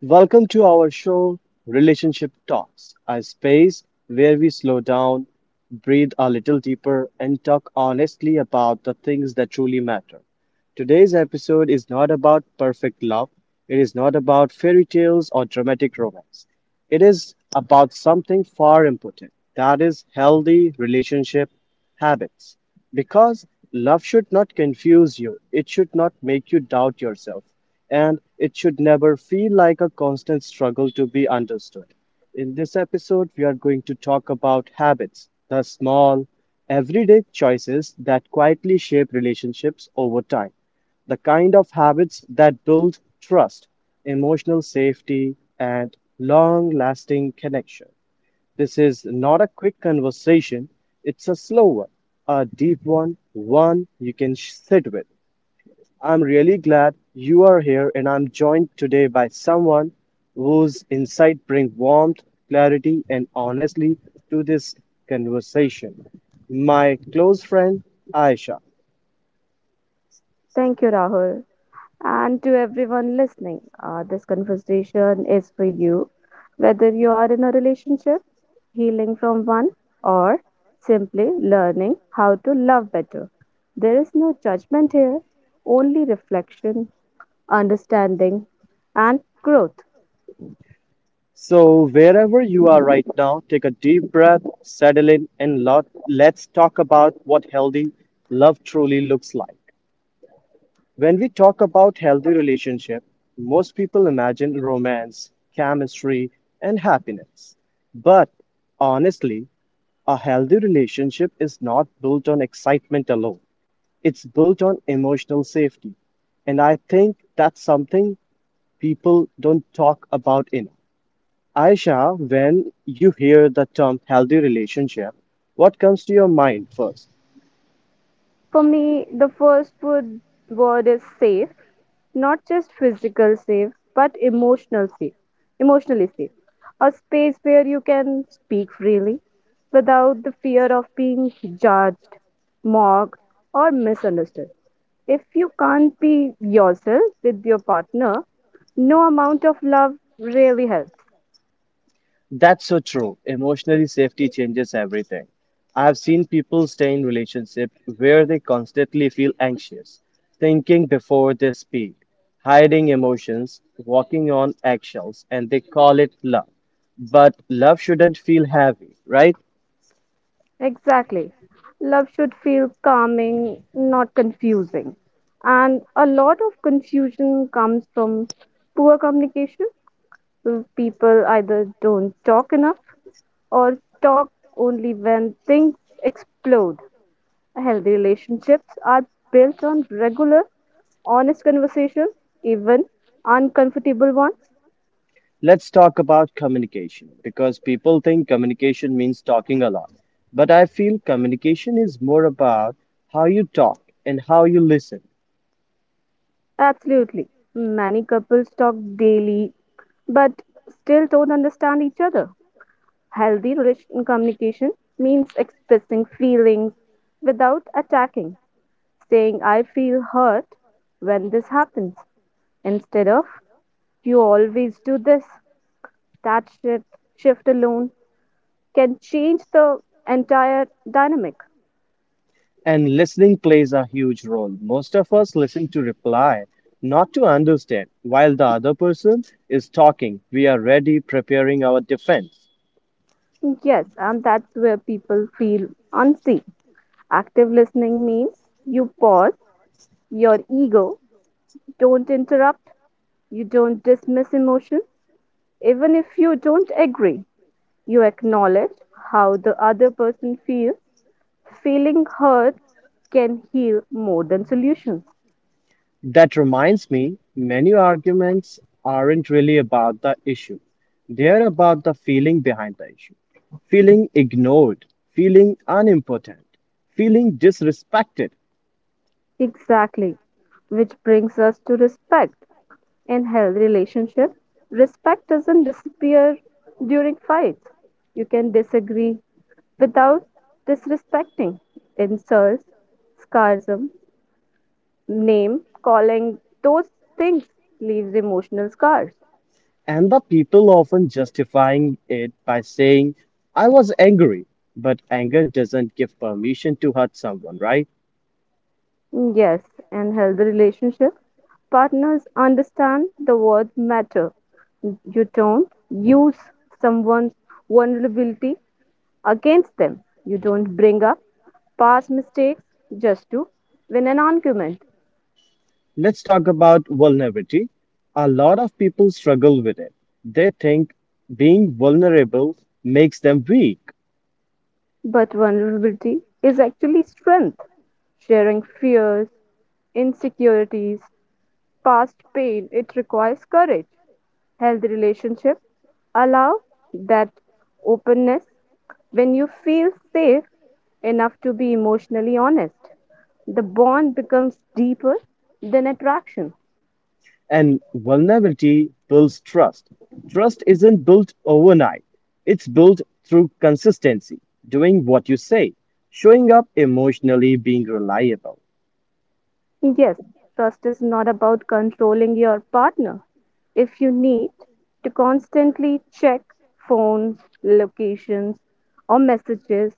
Welcome to our show, Relationship Talks, a space where we slow down, breathe a little deeper, and talk honestly about the things that truly matter. Today's episode is not about perfect love. It is not about fairy tales or dramatic romance. It is about something far important that is, healthy relationship habits. Because love should not confuse you, it should not make you doubt yourself, and it should never feel like a constant struggle to be understood. In this episode, we are going to talk about habits, the small, everyday choices that quietly shape relationships over time the kind of habits that build trust, emotional safety, and long lasting connection. This is not a quick conversation, it's a slow one, a deep one, one you can sit with. I'm really glad you are here, and I'm joined today by someone whose insight bring warmth, clarity, and honestly to this conversation. My close friend Aisha. Thank you, Rahul. And to everyone listening, this conversation is for you. Whether you are in a relationship, healing from one, or simply learning how to love better, there is no judgment here, only reflection, understanding, and growth. So, wherever you are right now, take a deep breath, settle in, and let's talk about what healthy love truly looks like. When we talk about healthy relationship, most people imagine romance, chemistry, and happiness. But honestly, a healthy relationship is not built on excitement alone. It's built on emotional safety. And I think that's something people don't talk about enough. Aisha, when you hear the term healthy relationship, what comes to your mind first? For me, the first word is safe, not just physical safe but emotionally safe. A space where you can speak freely without the fear of being judged, mocked, or misunderstood. If you can't be yourself with your partner, no amount of love really helps. That's so true. Emotionally, safety changes everything. I've seen people stay in relationships where they constantly feel anxious, thinking before they speak, hiding emotions, walking on eggshells, and they call it love. But love shouldn't feel heavy, right? Exactly. Love should feel calming, not confusing. And a lot of confusion comes from poor communication. People either don't talk enough or talk only when things explode. Healthy relationships are built on regular, honest conversations, even uncomfortable ones. Let's talk about communication because people think communication means talking a lot. But I feel communication is more about how you talk and how you listen. Absolutely. Many couples talk daily but still don't understand each other. Healthy relation communication means expressing feelings without attacking, saying, I feel hurt when this happens, instead of you always do this. That shift alone can change the entire dynamic. And listening plays a huge role. Most of us listen to reply, not to understand. While the other person is talking, we are ready preparing our defense. Yes, and that's where people feel unseen. Active listening means you pause your ego, don't interrupt, you don't dismiss emotions, even if you don't agree. You acknowledge how the other person feels. Feeling heard can heal more than solutions. That reminds me, many arguments aren't really about the issue. They're about the feeling behind the issue. Feeling ignored, feeling unimportant, feeling disrespected. Exactly, which brings us to respect. In healthy relationship, respect doesn't disappear during fights. You can disagree without disrespecting. Insults, sarcasm, name calling, those things leaves emotional scars. And the people often justifying it by saying, I was angry. But anger doesn't give permission to hurt someone, right? Yes, in healthy relationship, partners understand the word matter. You don't use someone's vulnerability against them. You don't bring up past mistakes just to win an argument. Let's talk about vulnerability. A lot of people struggle with it. They think being vulnerable makes them weak. But vulnerability is actually strength. Sharing fears, insecurities, past pain, it requires courage. Healthy relationships allow that openness when you feel safe enough to be emotionally honest. The bond becomes deeper than attraction. And vulnerability builds trust. Trust isn't built overnight, it's built through consistency, doing what you say, showing up emotionally, being reliable. Yes, trust is not about controlling your partner. If you need to constantly check phones, locations, or messages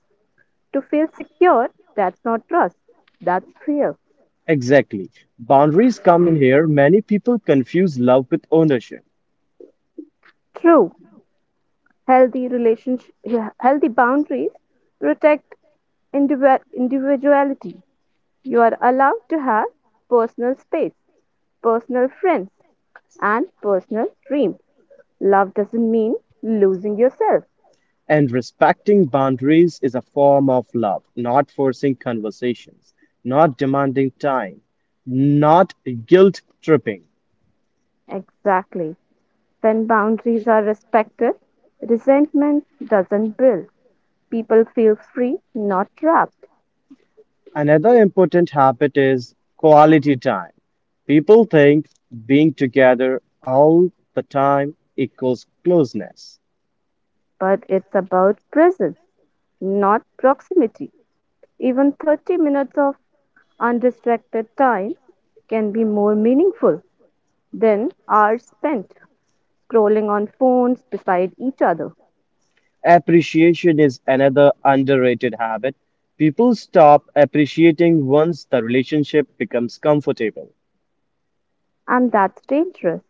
to feel secure, that's not trust, that's fear. Exactly. Boundaries come in here. Many people confuse love with ownership. True, healthy relationship, healthy boundaries protect individuality. You are allowed to have personal space, personal friends, and personal dreams. Love doesn't mean losing yourself. And respecting boundaries is a form of love, not forcing conversations, not demanding time, not guilt tripping. Exactly. When boundaries are respected, resentment doesn't build. People feel free, not trapped. Another important habit is quality time. People think being together all the time equals closeness. But it's about presence, not proximity. Even 30 minutes of undistracted time can be more meaningful than hours spent scrolling on phones beside each other. Appreciation is another underrated habit. People stop appreciating once the relationship becomes comfortable. And that's dangerous.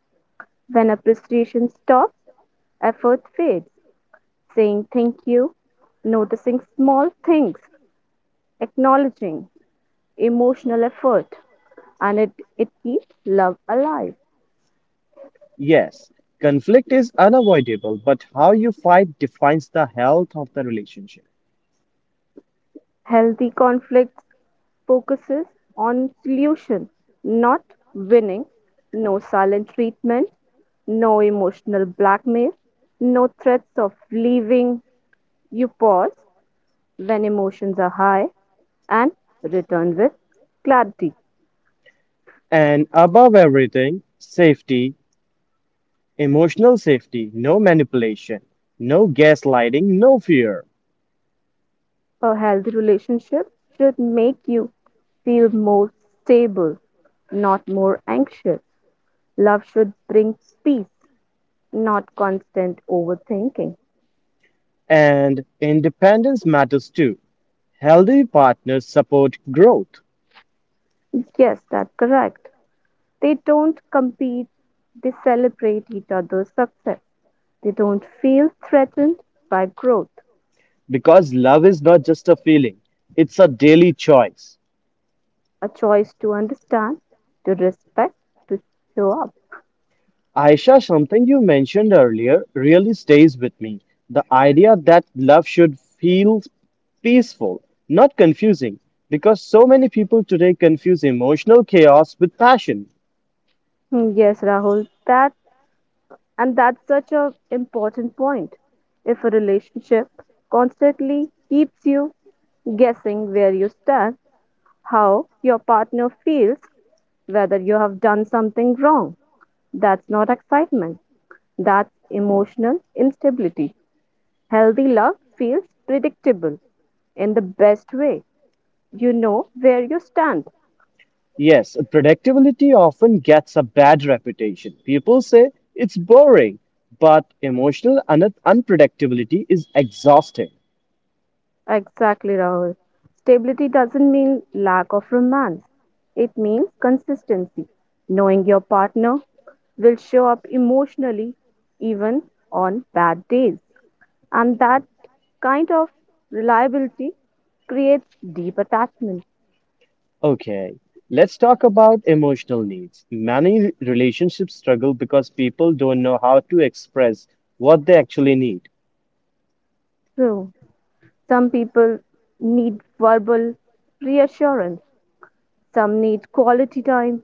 When appreciation stops, effort fades. Saying thank you, noticing small things, acknowledging emotional effort, and it keeps love alive. Yes, conflict is unavoidable, but how you fight defines the health of the relationship. Healthy conflict focuses on solution, not winning. No silent treatment, no emotional blackmail, no threats of leaving. You pause when emotions are high and return with clarity. And above everything, safety emotional safety, no manipulation, no gaslighting, no fear. A healthy relationship should make you feel more stable, not more anxious. Love should bring peace, not constant overthinking. And independence matters too. Healthy partners support growth Yes, that's correct. They don't compete, they celebrate each other's success. They don't feel threatened by growth, because love is not just a feeling, it's a daily choice. a choice to understand, to respect, to show up. Aisha, something you mentioned earlier really stays with me. The idea that love should feel peaceful, not confusing, because so many people today confuse emotional chaos with passion. Hmm, yes, Rahul, that's such an important point. If a relationship constantly keeps you guessing where you stand, how your partner feels, whether you have done something wrong, that's not excitement. That's emotional instability. Healthy love feels predictable in the best way. You know where you stand. Yes, predictability often gets a bad reputation. People say it's boring, but emotional unpredictability is exhausting. Exactly, Rahul. Stability doesn't mean lack of romance, it means consistency. Knowing your partner will show up emotionally, even on bad days. And that kind of reliability creates deep attachment. Okay, let's talk about emotional needs. Many relationships struggle because people don't know how to express what they actually need. So, some people need verbal reassurance. Some need quality time,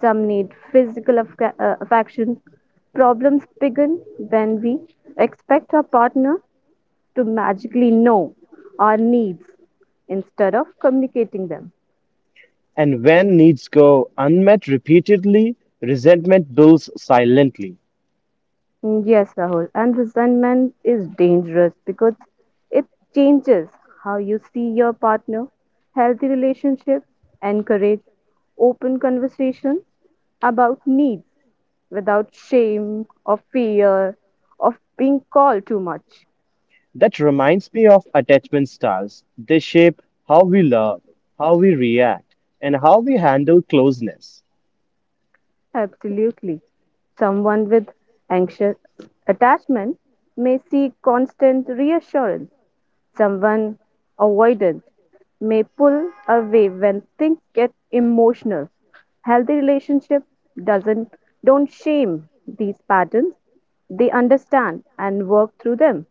some need physical affection. Problems begin when we expect our partner to magically know our needs instead of communicating them. And when needs go unmet repeatedly, resentment builds silently. Mm, yes, Rahul, and resentment is dangerous because it changes how you see your partner. Healthy relationships encourage open conversations about needs without shame or fear of being called too much. That reminds me of attachment styles. They shape how we love, how we react, and how we handle closeness. Absolutely. Someone with anxious attachment may seek constant reassurance. Someone avoidant may pull away when things get emotional. Healthy relationship doesn't don't shame these patterns. They understand and work through them.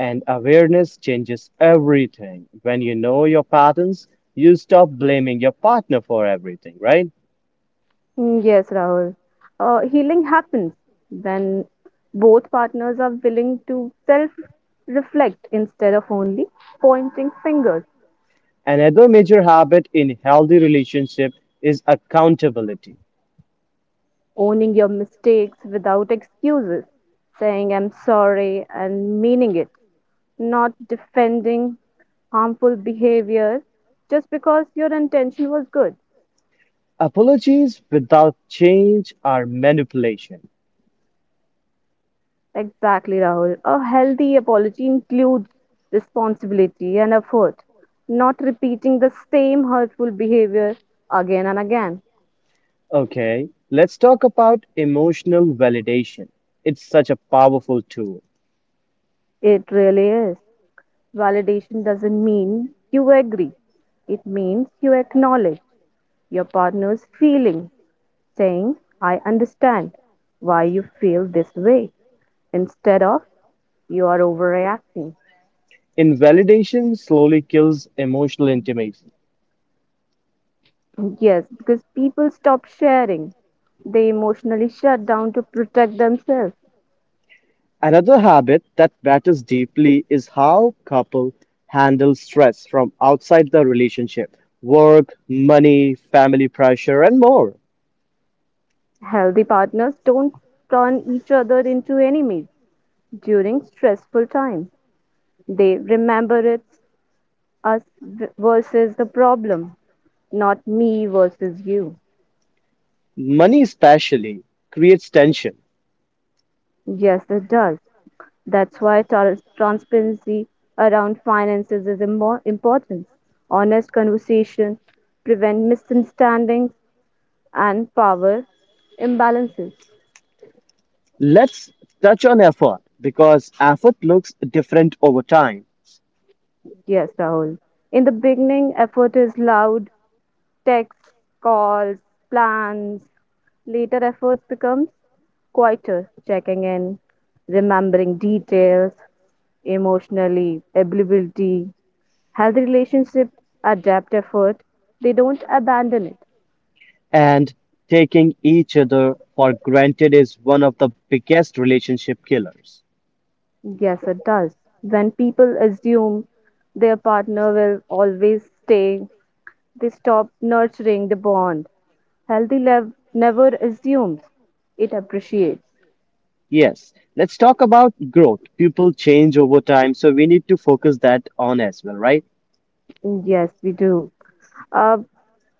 And awareness changes everything. When you know your patterns, you stop blaming your partner for everything, right? Mm, yes, Rahul. Healing happens when both partners are willing to self reflect instead of only pointing fingers, Another major habit in healthy relationship is accountability. owning your mistakes without excuses, saying I'm sorry and meaning it, not defending harmful behavior just because your intention was good. Apologies without change are manipulation. Exactly, Rahul. A healthy apology includes responsibility and effort, not repeating the same hurtful behavior again and again. Okay, let's talk about emotional validation. It's such a powerful tool. It really is. Validation doesn't mean you agree, it means you acknowledge your partner's feeling, saying, I understand why you feel this way, instead of you are overreacting. Invalidation slowly kills emotional intimacy. Yes, because people stop sharing, they emotionally shut down to protect themselves. Another habit that batters deeply is how couples handle stress from outside the relationship work, money, family pressure, and more. Healthy partners don't turn each other into enemies during stressful times. They remember it's versus the problem, not me versus you. Money, especially, creates tension. Yes, it does. That's why transparency around finances is important. Honest conversation prevent misunderstandings and power imbalances. Let's touch on effort because effort looks different over time, Yes, Rahul. In the beginning, effort is loud texts, calls, plans. Later efforts become quieter, checking in, remembering details, emotionally, ability. Healthy relationship, adapt effort. They don't abandon it. and taking each other for granted is one of the biggest relationship killers. Yes, it does. When people assume their partner will always stay, they stop nurturing the bond. Healthy love never assumes, it appreciates. Yes, let's talk about growth. People change over time, so we need to focus that on as well, right? Yes, we do. Uh,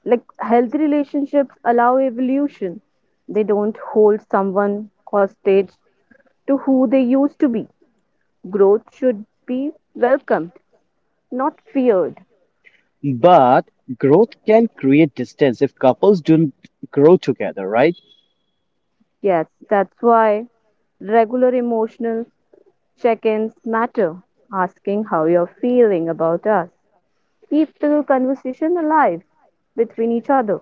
like Healthy relationships allow evolution. They don't hold someone hostage to who they used to be. Growth should be welcomed, not feared. But growth can create distance if couples don't grow together, right? Yes, that's why regular emotional check-ins matter. Asking how you're feeling about us keep the conversation alive between each other.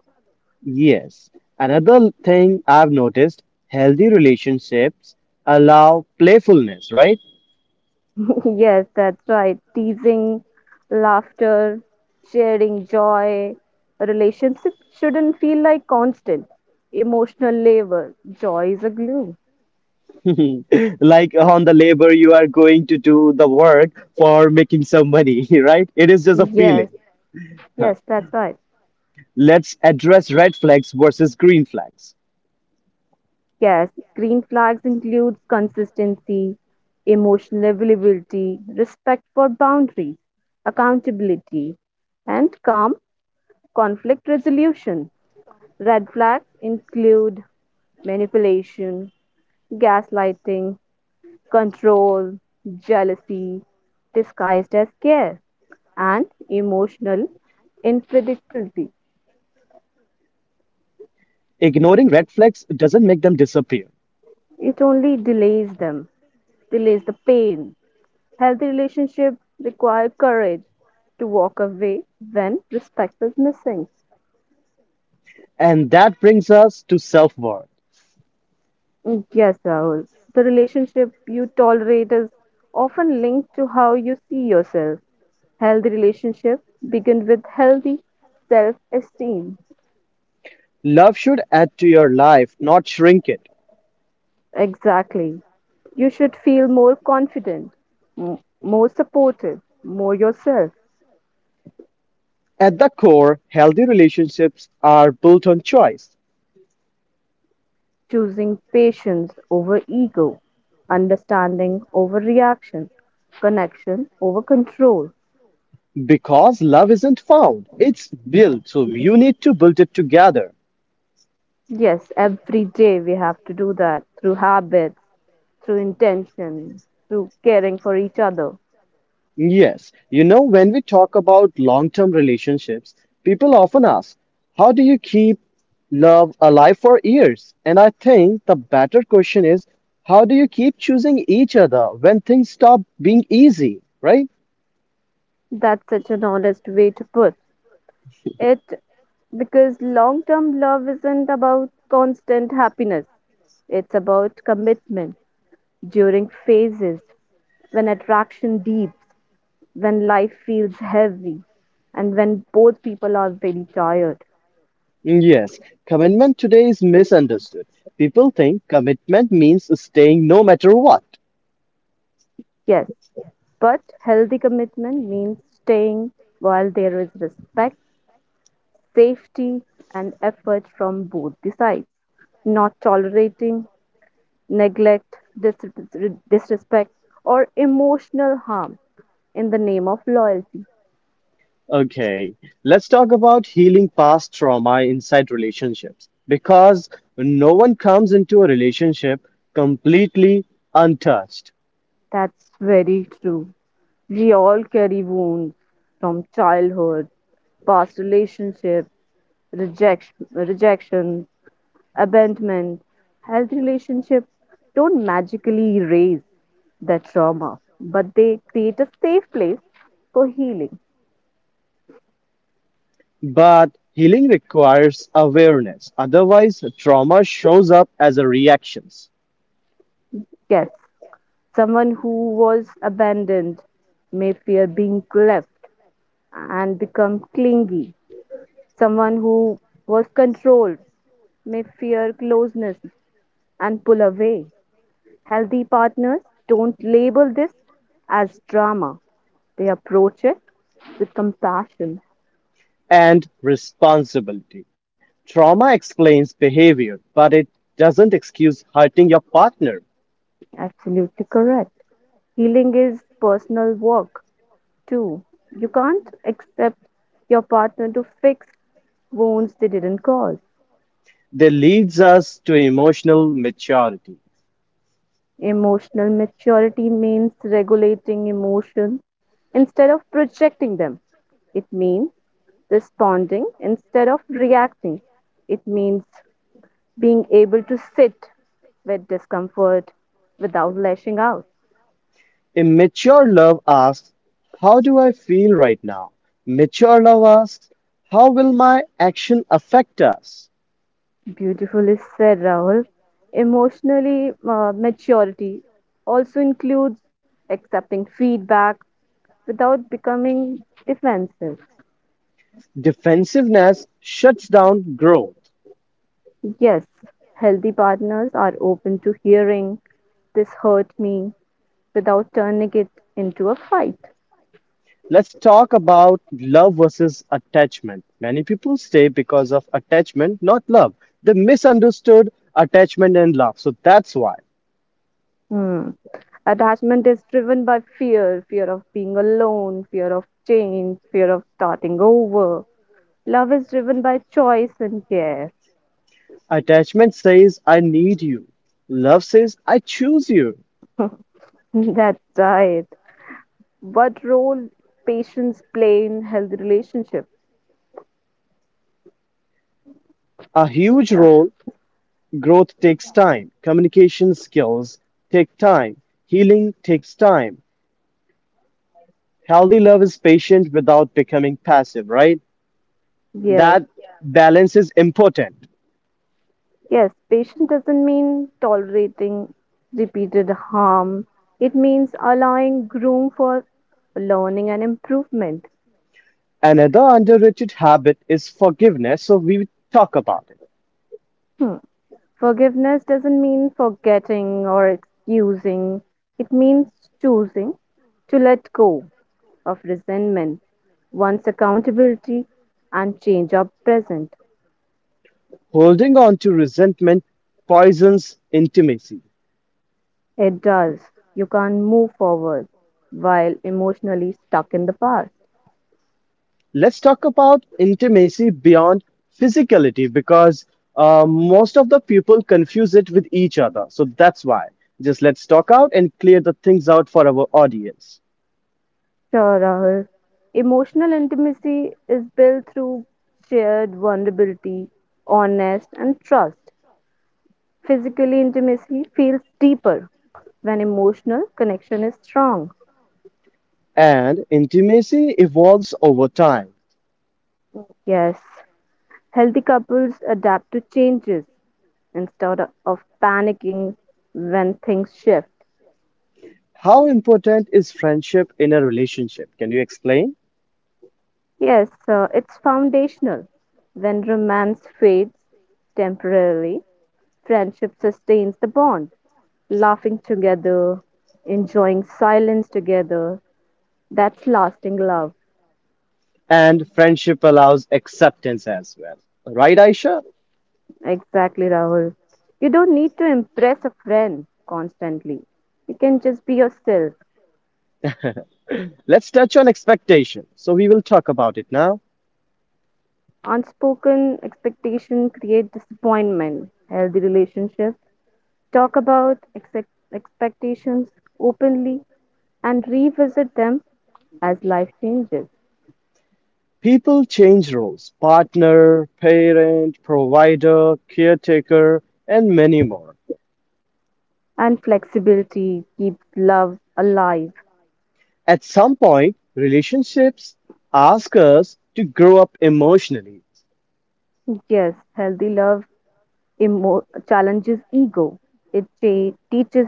Yes. Another thing I've noticed, healthy relationships allow playfulness, right? Yes, that's right. Teasing, laughter, sharing joy. A relationship shouldn't feel like constant emotional labor. Joy is a glue. like on the labor you are going to do the work for making some money, right? It is just a Yes, feeling. yes, that's right. Let's address red flags versus green flags. Yes, green flags includes consistency, emotional availability, respect for boundaries, accountability, and calm conflict resolution. Red flags include manipulation, gaslighting, control, jealousy disguised as care, and emotional unpredictability. Ignoring red flags doesn't make them disappear. It only delays the pain. Healthy relationships require courage to walk away when respect is missing. And that brings us to self worth. Mm, yes, Rahul. The relationship you tolerate is often linked to how you see yourself. Healthy relationships begin with healthy self esteem. Love should add to your life, not shrink it. Exactly. You should feel more confident, more supported, more yourself, At the core, healthy relationships are built on choice choosing patience over ego, understanding over reaction, connection over control. because love isn't found, it's built. So you need to build it together. Yes, every day we have to do that through habits, through intention, through caring for each other. Yes, when we talk about long-term relationships, people often ask, how do you keep love alive for years? And I think the better question is, how do you keep choosing each other when things stop being easy, right? That's such an honest way to put it, because long term love isn't about constant happiness, it's about commitment during phases, when attraction deeps, when life feels heavy, and when both people are very tired. Mm, yes, commitment today is misunderstood. People think commitment means staying no matter what. Yes, but healthy commitment means staying while there is respect, safety, and effort from both the sides, not tolerating neglect, disrespect, or emotional harm in the name of loyalty. Okay, let's talk about healing past trauma inside relationships because no one comes into a relationship completely untouched. That's very true. We all carry wounds from childhood past relationship, rejection, abandonment, health relationship don't magically erase that trauma, but they create a safe place for healing. But healing requires awareness, otherwise, trauma shows up as a reactions Yes, someone who was abandoned may fear being left and become clingy. Someone who was controlled may fear closeness and pull away. Healthy partners don't label this as drama. They approach it with compassion. and responsibility. Trauma explains behavior, but it doesn't excuse hurting your partner. Absolutely correct. Healing is personal work too. You can't accept your partner to fix wounds they didn't cause. That leads us to emotional maturity. Emotional maturity means regulating emotions instead of projecting them. It means responding instead of reacting. It means being able to sit with discomfort without lashing out. Immature love asks, how do I feel right now? Mature love asks, how will my action affect us? Beautifully said, Rahul. Emotionally, maturity also includes accepting feedback without becoming defensive. Defensiveness shuts down growth. Yes, healthy partners are open to hearing this hurt me without turning it into a fight. Let's talk about love versus attachment. Many people stay because of attachment, not love. They misunderstood attachment and love. So that's why. Hmm. Attachment is driven by fear, fear of being alone, fear of change, fear of starting over. Love is driven by choice and care. Attachment says, I need you. Love says, I choose you. That's right. What role patients play in healthy relationship? A huge Uh, role. Growth takes time, communication skills take time, healing takes time. Healthy love is patient without becoming passive, right? yes, That balance is important. yes, patient doesn't mean tolerating repeated harm. It means allowing room for learning and improvement. Another underrated habit is forgiveness, so we talk about it. Hmm. Forgiveness doesn't mean forgetting or excusing. It means choosing to let go of resentment once accountability and change are present. Holding on to resentment poisons intimacy. It does. You can't move forward while emotionally stuck in the past. Let's talk about intimacy beyond physicality because most of the people confuse it with each other. So that's why. Just let's talk out and clear the things out for our audience. Sure, Rahul. Emotional intimacy is built through shared vulnerability, honest, and trust. Physically, intimacy feels deeper when emotional connection is strong. And intimacy evolves over time. Yes, healthy couples adapt to changes instead of panicking when things shift. How important is friendship in a relationship? Can you explain? Yes, it's foundational. When romance fades temporarily, friendship sustains the bond. Laughing together, enjoying silence together, that's lasting love. And friendship allows acceptance as well. Right, Aisha? Exactly, Rahul. You don't need to impress a friend constantly. You can just be yourself. Let's touch on expectation. So we will talk about it now. Unspoken expectation create disappointment. Healthy relationships talk about expectations openly and revisit them as life changes. People change roles partner, parent, provider, caretaker, and many more. And flexibility keeps love alive. At some point, relationships ask us to grow up emotionally. Yes, healthy love challenges ego, it teaches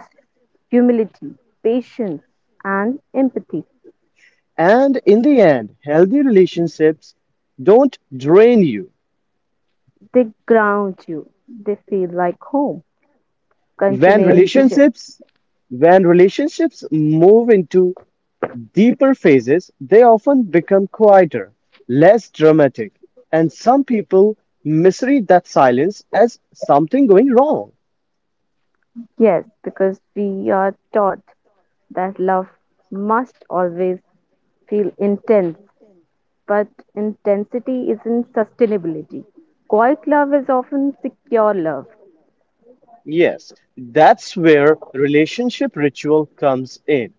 humility, patience, and empathy. And in the end, healthy relationships don't drain you. They ground you, they feel like home. When Continuing, relationships when relationships move into deeper phases, they often become quieter, less dramatic, and some people misread that silence as something going wrong. yes, because we are taught that love must always feel intense, but intensity isn't sustainability. Quiet love is often secure love. Yes, that's where relationship ritual comes in.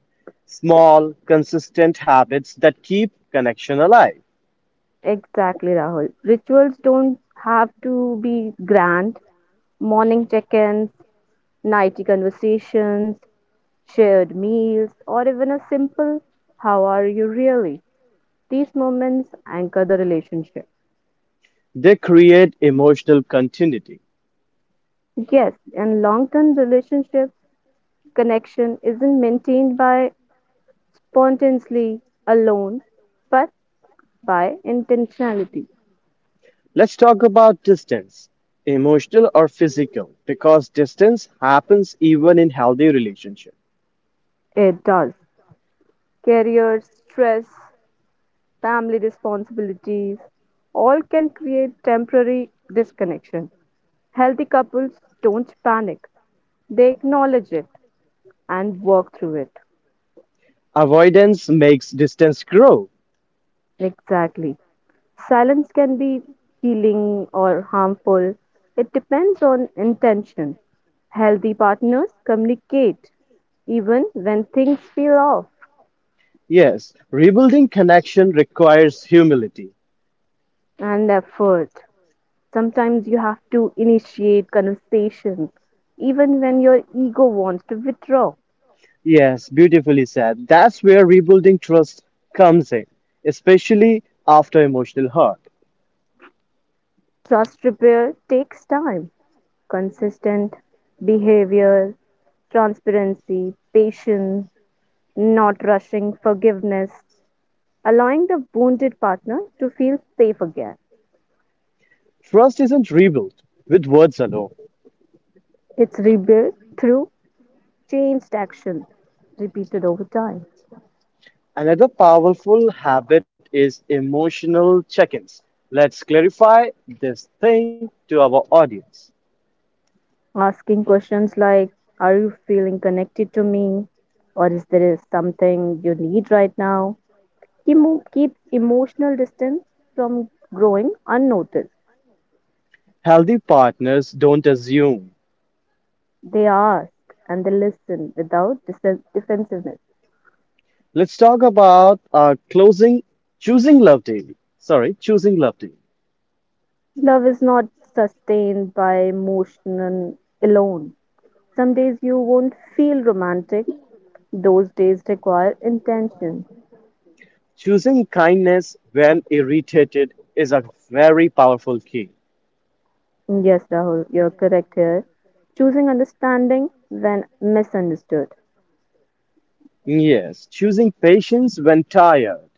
Small, consistent habits that keep connection alive. Exactly, Rahul. Rituals don't have to be grand. Morning check ins, nighty conversations, shared meals, or even a simple, How are you really? These moments anchor the relationship. They create emotional continuity. Yes, in long term relationships, connection isn't maintained by spontaneously alone, but by intentionality. Let's talk about distance, emotional or physical, because distance happens even in healthy relationships. It does. Career, stress, family responsibilities, all can create temporary disconnection. Healthy couples don't panic, they acknowledge it and work through it. Avoidance makes distance grow. Exactly. Silence can be healing or harmful. It depends on intention. Healthy partners communicate even when things feel off Yes, rebuilding connection requires humility. and effort. Sometimes you have to initiate conversations even when your ego wants to withdraw. Yes, beautifully said. That's where rebuilding trust comes in, especially after emotional hurt. Trust repair takes time, consistent behavior, transparency, patience, not rushing, forgiveness, allowing the wounded partner to feel safe again. Trust isn't rebuilt with words alone. It's rebuilt through changed action, repeated over time. Another powerful habit is emotional check ins. Let's clarify this thing to our audience. Asking questions like, "Are you feeling connected to me?" Or, "Is there something you need right now?" Keep, keep emotional distance from growing unnoticed. Healthy partners don't assume. They ask and they listen without defensiveness. Let's talk about closing, choosing love daily. Sorry, choosing love daily. Love is not sustained by emotion and alone. Some days you won't feel romantic, those days require intention. Choosing kindness when irritated is a very powerful key. Yes, Rahul, you're correct here. Choosing understanding when misunderstood. Yes, choosing patience when tired.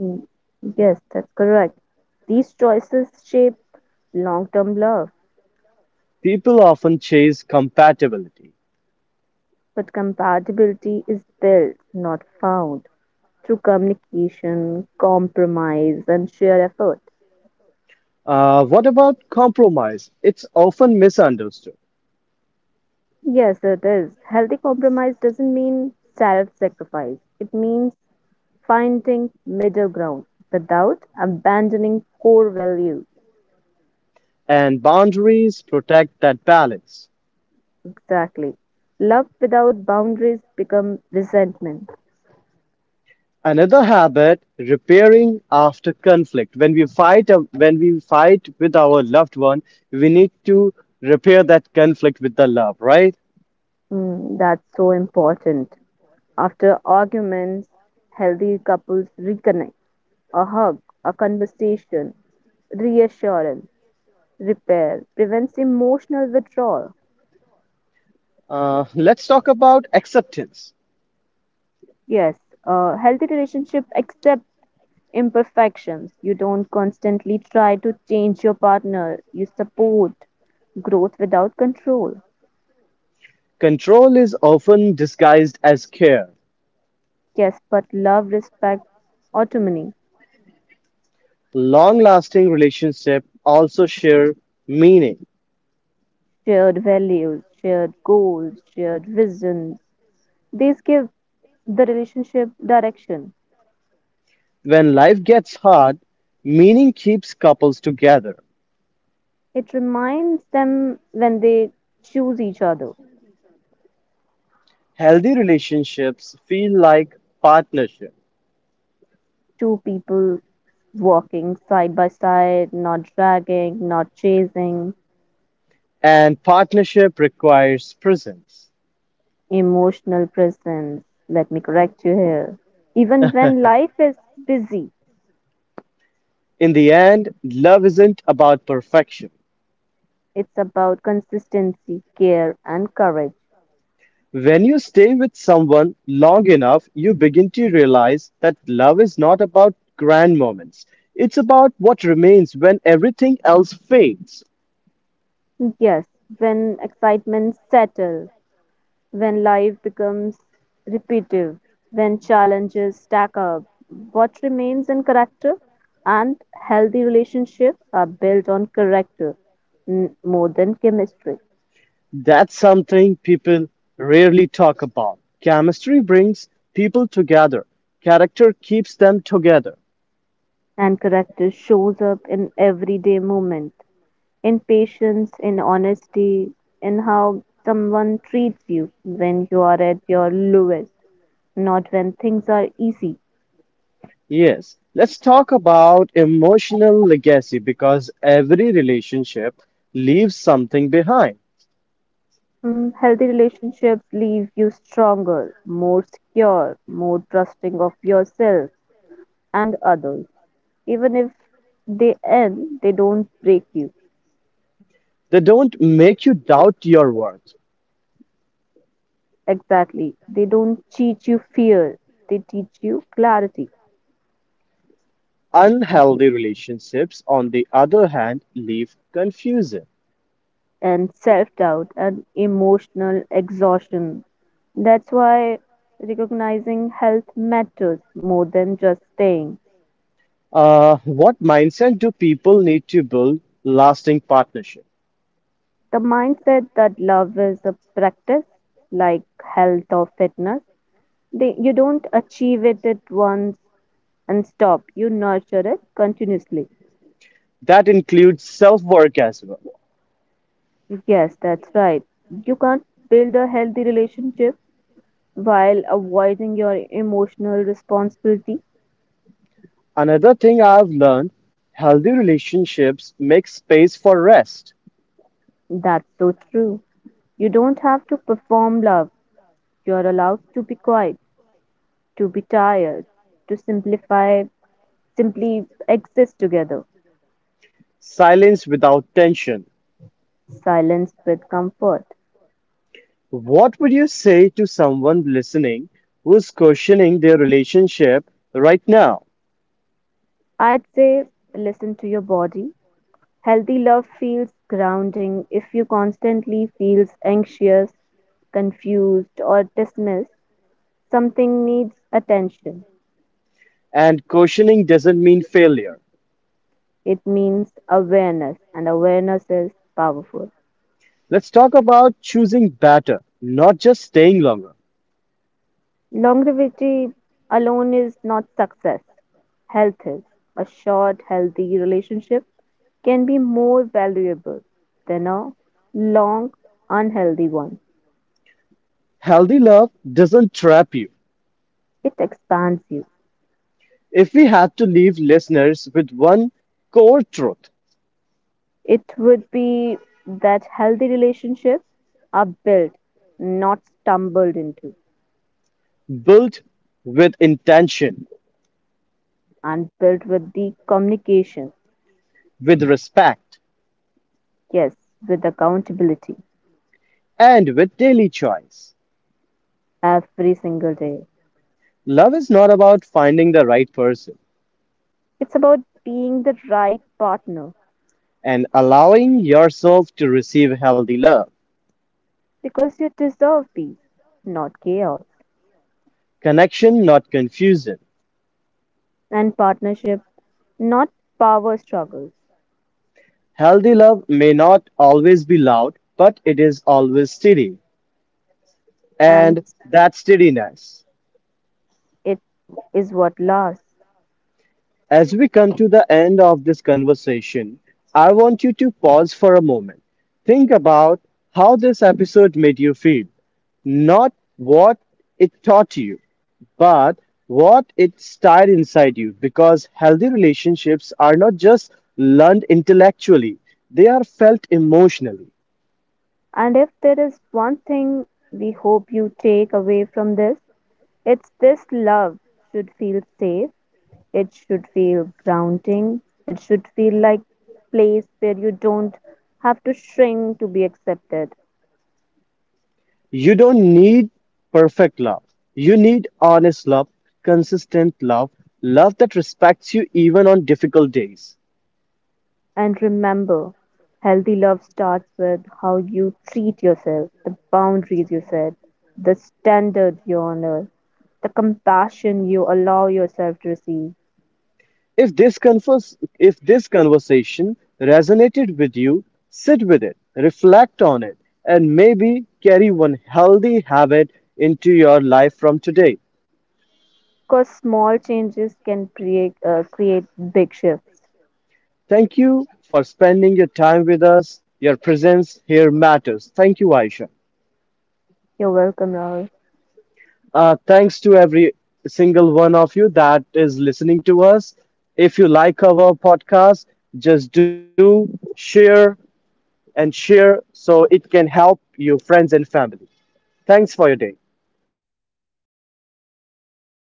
Mm, yes, that's correct. These choices shape long term love, People often chase compatibility. but compatibility is built, not found, through communication, compromise, and shared effort. What about compromise? It's often misunderstood, Yes, it is. Healthy compromise doesn't mean self sacrifice, it means finding middle ground without abandoning core values. and boundaries protect that balance. Exactly. Love without boundaries become resentment. Another habit: repairing after conflict. When we fight with our loved one, we need to repair that conflict with the love, right? Mm, that's so important. After arguments, healthy couples reconnect. A hug, a conversation, reassurance, repair prevents emotional withdrawal. Let's talk about acceptance. Yes, a healthy relationship accept imperfections. You don't constantly try to change your partner. You support growth without control. Control is often disguised as care. Yes, but love, respect, autonomy, Long lasting relationships also share meaning. shared values, shared goals, shared visions. These give the relationship direction. When life gets hard, meaning keeps couples together. It reminds them when they choose each other. Healthy relationships feel like partnership, Two people walking side by side, not dragging, not chasing. and partnership requires presence. Emotional presence. Let me correct you here. Even when life is busy, In the end, love isn't about perfection. it's about consistency, care, and courage. When you stay with someone long enough, you begin to realize that love is not about grand moments. It's about what remains when everything else fades. Yes, when excitement settles, when life becomes repetitive, when challenges stack up, what remains in character, and healthy relationships are built on character more than chemistry. That's something people rarely talk about. Chemistry brings people together, character keeps them together. And character shows up in everyday moments, in patience, in honesty, in how someone treats you when you are at your lowest, not when things are easy. Yes, let's talk about emotional legacy because every relationship leaves something behind. Mm, healthy relationships leave you stronger, more secure, more trusting of yourself and others. Even if they end, they don't break you. They don't make you doubt your worth. Exactly. They don't teach you fear, they teach you clarity Unhealthy relationships, on the other hand, leave confusion. and self doubt and emotional exhaustion. That's why recognizing health matters more than just staying. What mindset do people need to build lasting partnership? The mindset that love is a practice, like health or fitness, they, you don't achieve it at once and stop. You nurture it continuously. That includes self work as well. Yes, that's right. You can't build a healthy relationship while avoiding your emotional responsibility. Another thing I've learned, healthy relationships make space for rest, That's so true. You don't have to perform love. You're allowed to be quiet, to be tired, to simplify, simply exist together, silence without tension. silence with comfort. What would you say to someone listening who's questioning their relationship right now? I'd say listen to your body. Healthy love feels grounding. If you constantly feels anxious, confused or dismissed, something needs attention. And questioning doesn't mean failure. It means awareness, and awareness is powerful. Let's talk about choosing better, not just staying longer. Longevity alone is not success. Health is. A short healthy relationship can be more valuable than a long, unhealthy one. Healthy love doesn't trap you. It expands you. If we had to leave listeners with one core truth, It would be that healthy relationships are built, not stumbled into, built with intention, and built with the communication, with respect, yes, with accountability and with daily choice. every single day. Love is not about finding the right person It's about being the right partner and allowing yourself to receive healthy love. because you deserve peace, not chaos, Connection, not confusion. and partnership, not power struggles. Healthy love may not always be loud, but it is always steady. And And that steadiness. it is what lasts. As we come to the end of this conversation, I want you to pause for a moment. Think about how this episode made you feel, not what it taught you, but what it stirred inside you. Because healthy relationships are not just learned intellectually, they are felt emotionally. And if there is one thing we hope you take away from this, it's this: love should feel safe, it should feel grounding, it should feel like place where you don't have to shrink to be accepted. You don't need perfect love. You need honest love, consistent love, love that respects you even on difficult days. And remember, healthy love starts with how you treat yourself, the boundaries you set, the standards you honor, the compassion you allow yourself to receive. If this conversation resonated with you, sit with it, reflect on it, and maybe carry one healthy habit into your life from today. Because small changes can create big shifts. Thank you for spending your time with us. Your presence here matters. Thank you, Aisha. You're welcome, Rahul. Thanks to every single one of you that is listening to us. If you like our podcast, just do share and share so it can help your friends and family. Thanks for your day.